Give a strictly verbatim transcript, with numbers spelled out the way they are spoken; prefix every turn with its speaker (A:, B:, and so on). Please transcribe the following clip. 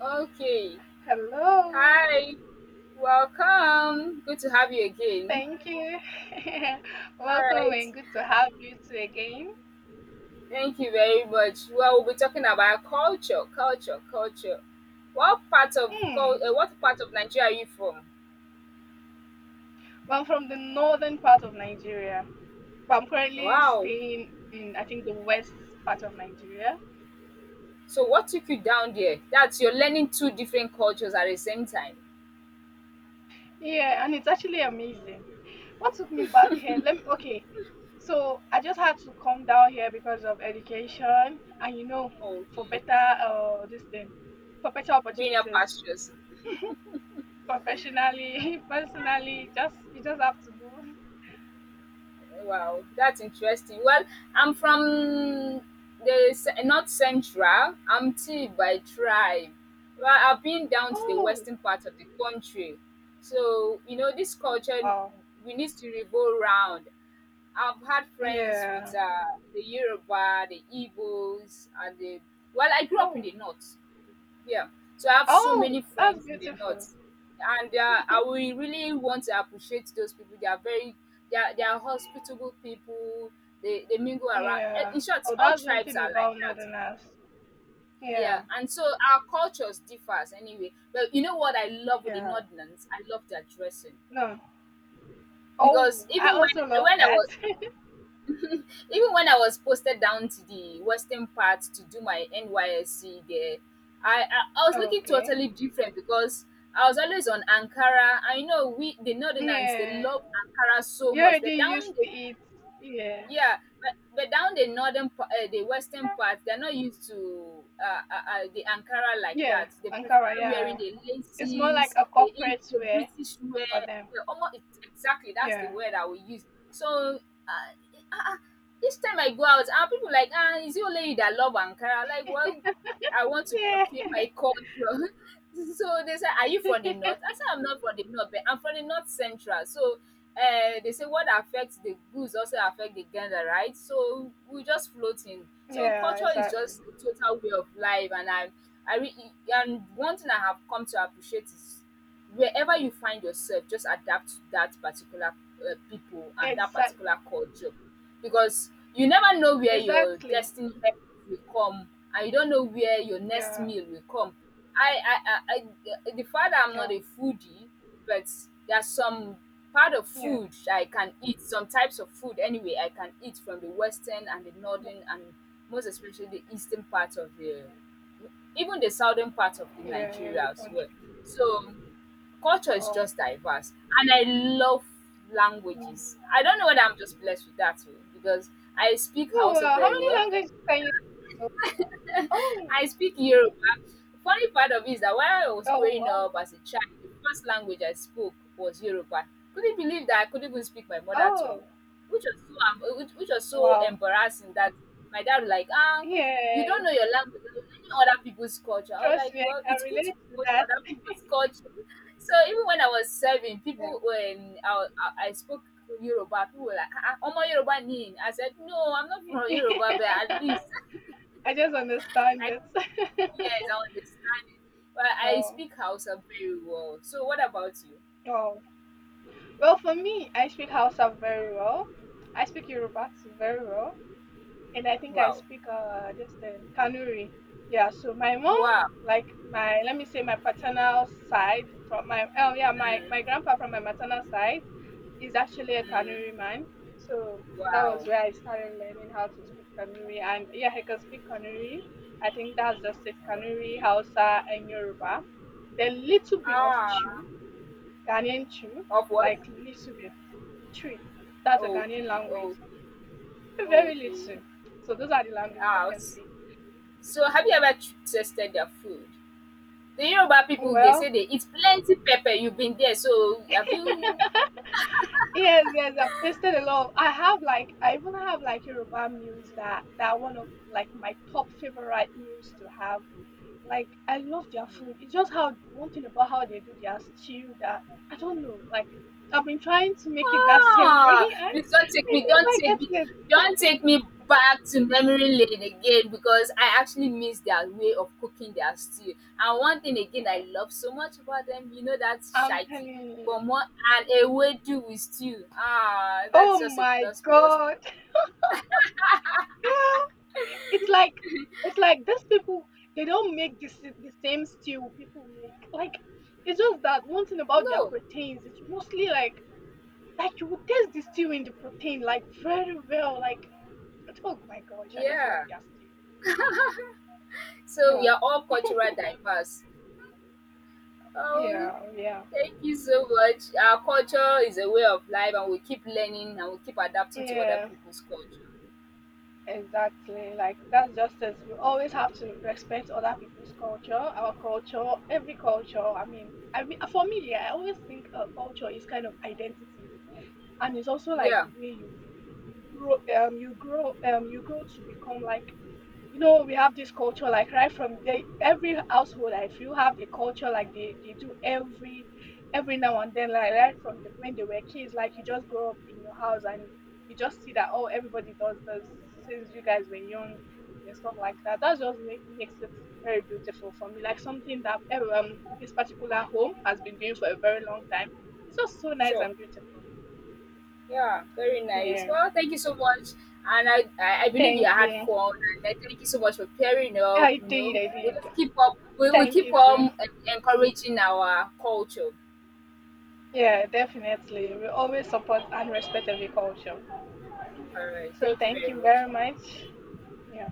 A: Okay.
B: Hello.
A: Hi. Welcome. Good to have you again.
B: Thank you.
A: All
B: Welcome
A: right.
B: and good to have you too again.
A: Thank you very much. Well, we'll be talking about culture, culture, culture. What part of cul-
B: Hmm.
A: uh, what part of Nigeria are you from?
B: Well, I'm from the northern part of Nigeria, but I'm currently
A: Wow.
B: staying in, I think, the west part of Nigeria.
A: So what took you down there? That's you're learning two different cultures at the same time.
B: Yeah, and it's actually amazing. What took me back here? Let me, okay. So I just had to come down here because of education and, you know, for
A: Okay.
B: better, uh, this thing, for better
A: Being
B: opportunities,
A: pastures.
B: professionally, personally, just, you just have to move.
A: Wow, that's interesting. Well, I'm from the ce- north central. I'm T by tribe. Well, I've been down to the
B: Oh,
A: western part of the country. So, you know, this
B: oh,
A: culture,
B: wow.
A: we need to revolve round. I've had friends with
B: Yeah.
A: uh, the Yoruba, the Igbos, and the. Well, I grew up in
B: Oh,
A: the north. Yeah. So I have so many
B: oh, that's
A: friends in the
B: beautiful.
A: north, and they are, I will really want to appreciate those people. They are very, they are, they are hospitable people. They they mingle around. Eh,
B: Yeah.
A: In short,
B: Oh,
A: all
B: that's one
A: tribes
B: thing
A: are like
B: about
A: that.
B: Northerners.
A: Yeah,
B: Yeah,
A: and so our cultures differs anyway. But you know what I love with the
B: yeah.
A: Northerners? I love their dressing
B: No.
A: because
B: Oh,
A: even
B: I
A: when
B: also love
A: when I
B: that.
A: was Even when I was posted down to the western part to do my N Y S C there, I, I I was looking
B: Okay.
A: totally different because I was always on Ankara. I know we the Northerners they
B: Yeah.
A: love Ankara so
B: You
A: much,
B: already
A: but down
B: used to it. Yeah.
A: yeah, but but down the northern, pa- uh, the western part, they're not used to uh, uh, uh, the Ankara like
B: Yeah.
A: that. They
B: Ankara,
A: prefer wearing
B: yeah.
A: the
B: It's more like
A: laces,
B: a
A: the Eng-
B: corporate
A: the
B: wear
A: British wear.
B: for them.
A: The, almost exactly that's the
B: Yeah.
A: word I will use. So uh, uh, uh, each time I go out, are people like, ah, is it only you that love Ankara? Like, well, I want to portray
B: Yeah.
A: my culture. So they said, are you from the north? I said, I'm not from the north, but I'm from the north central. So uh, they say what affects the goose also affect the gander, right? So we just floating. So
B: Yeah,
A: culture is
B: exactly.
A: just a total way of life, and I, I re- and one thing I have come to appreciate is wherever you find yourself, just adapt to that particular, uh, people and that
B: Exact
A: particular culture, because you never know where your
B: exactly.
A: destiny helper will come, and you don't know where your next
B: Yeah.
A: meal will come. I I I I uh, The fact that I'm not
B: Yeah.
A: a foodie, but there's some part of
B: Yeah.
A: food I can eat, some types of food anyway I can eat from the western and the northern and most especially the eastern part of the even the southern part of the
B: Yeah. Yeah, in
A: Nigeria
B: the
A: as well.
B: country.
A: So culture is
B: Oh.
A: just diverse, and I love
B: Yeah.
A: languages. I don't know whether I'm just blessed with that too, because I speak
B: Oh,
A: Hausa
B: wow. How
A: very
B: many
A: well.
B: languages can you speak? So, oh,
A: I speak Yoruba. Funny part of it is that while I was
B: oh,
A: growing
B: wow.
A: up as a child, the first language I spoke was Yoruba. Couldn't believe that I couldn't even speak my mother tongue,
B: Oh,
A: which was so em- which, which was so
B: wow.
A: embarrassing that my dad was like, ah,
B: Yeah,
A: you don't know your
B: yeah.
A: language, you don't know other people's culture. I was
B: Trust
A: like,
B: me, I
A: well,
B: can
A: it's good to
B: relate to
A: promote
B: that.
A: other people's culture. So even when I was serving,
B: Yeah.
A: people when I, I, I spoke Yoruba, people were like, ah, ah, Omo Yoruba ni. I said, no, I'm not from Yoruba, but at least
B: I just understand
A: I
B: it.
A: speak, yes, I understand it. But I
B: Oh,
A: speak Hausa very well. So what about you?
B: oh. Well, for me, I speak Hausa very well. I speak Yoruba too very well, and I think I
A: Wow.
B: speak uh this thing Kanuri. Yeah. So my mom,
A: Wow.
B: like my, let me say, my paternal side from my, oh yeah, my my
A: Mm,
B: grandpa from my maternal side, is actually a Kanuri
A: mm,
B: man. So that was
A: wow.
B: where I started learning how to speak Kanuri. And yeah, I can speak Kanuri. I think that's just it, Kanuri, Hausa, and Yoruba. Then little bit of
A: Ah,
B: Chu, Ghanaian Chu,
A: of what?
B: like little bit. Chu, that's a Ghanaian
A: Okay,
B: language.
A: oh,
B: Very
A: okay.
B: little. So those are the languages I
A: Ah,
B: can
A: s-
B: speak.
A: so have you ever tr- tasted their food? The Yoruba people, they say
B: Well,
A: they eat plenty pepper. You've been there, so have you?
B: yes, yes, I've tasted a lot. I have like, I even have like Yoruba meals that that are one of like my top favorite meals to have. Like, I love their food. It's just how, one thing about how they do their stew, that I don't know. Like, I've been trying to make it that same way
A: Ah,
B: and
A: please don't take
B: I
A: me, don't
B: never
A: take
B: get
A: me,
B: it.
A: Don't take me back to memory lane again, because I actually miss their way of cooking their stew. And one thing again I love so much about them, you know, that's
B: I'm
A: shaki.
B: telling you.
A: But more and a wedu with stew. Ah, that's
B: Oh
A: just a
B: my
A: plus plus for
B: god,
A: me.
B: girl! It's like it's like these people, they don't make this the same stew people make. Like, it's just that one thing about their
A: No,
B: proteins. It's mostly like like you would taste the stew in the protein like very well. Like, oh my gosh, I just love
A: yeah.
B: their stew.
A: So we
B: Yeah,
A: are all cultural diverse. Oh,
B: yeah, yeah.
A: thank you so much. Our culture is a way of life, and we keep learning and we keep adapting to other
B: Yeah,
A: people's culture.
B: exactly. Like, that's just it. We always have to respect other people's culture, our culture, every culture. I mean, I mean, for me, yeah, I always think uh, culture is kind of identity, and it's also like
A: Yeah,
B: the way you you've been grow um you grow um you grow to become like, you know, we have this culture like right from the, every household I feel have the culture, like they, they do every every now and then, like right from the, when they were kids. Like you just grow up in your house and you just see that, oh, everybody does this since you guys were young and stuff like that, that just make, makes it very beautiful for me. Like something that ev- um, this particular home has been doing for a very long time, it's just so nice
A: sure.
B: and beautiful.
A: Yeah, very nice.
B: Yeah,
A: Well, thank you so much. And I, I I believe you
B: thank
A: had
B: you.
A: fun. And I thank you so much for pairing up.
B: i
A: You
B: did
A: know,
B: I
A: we'll
B: did.
A: just keep up. We will
B: Thank
A: keep
B: you too.
A: on en- encouraging our culture.
B: Yeah, definitely. We always support and respect every culture.
A: All right.
B: So
A: Thank you
B: thank
A: very
B: you very
A: much.
B: much. Yeah.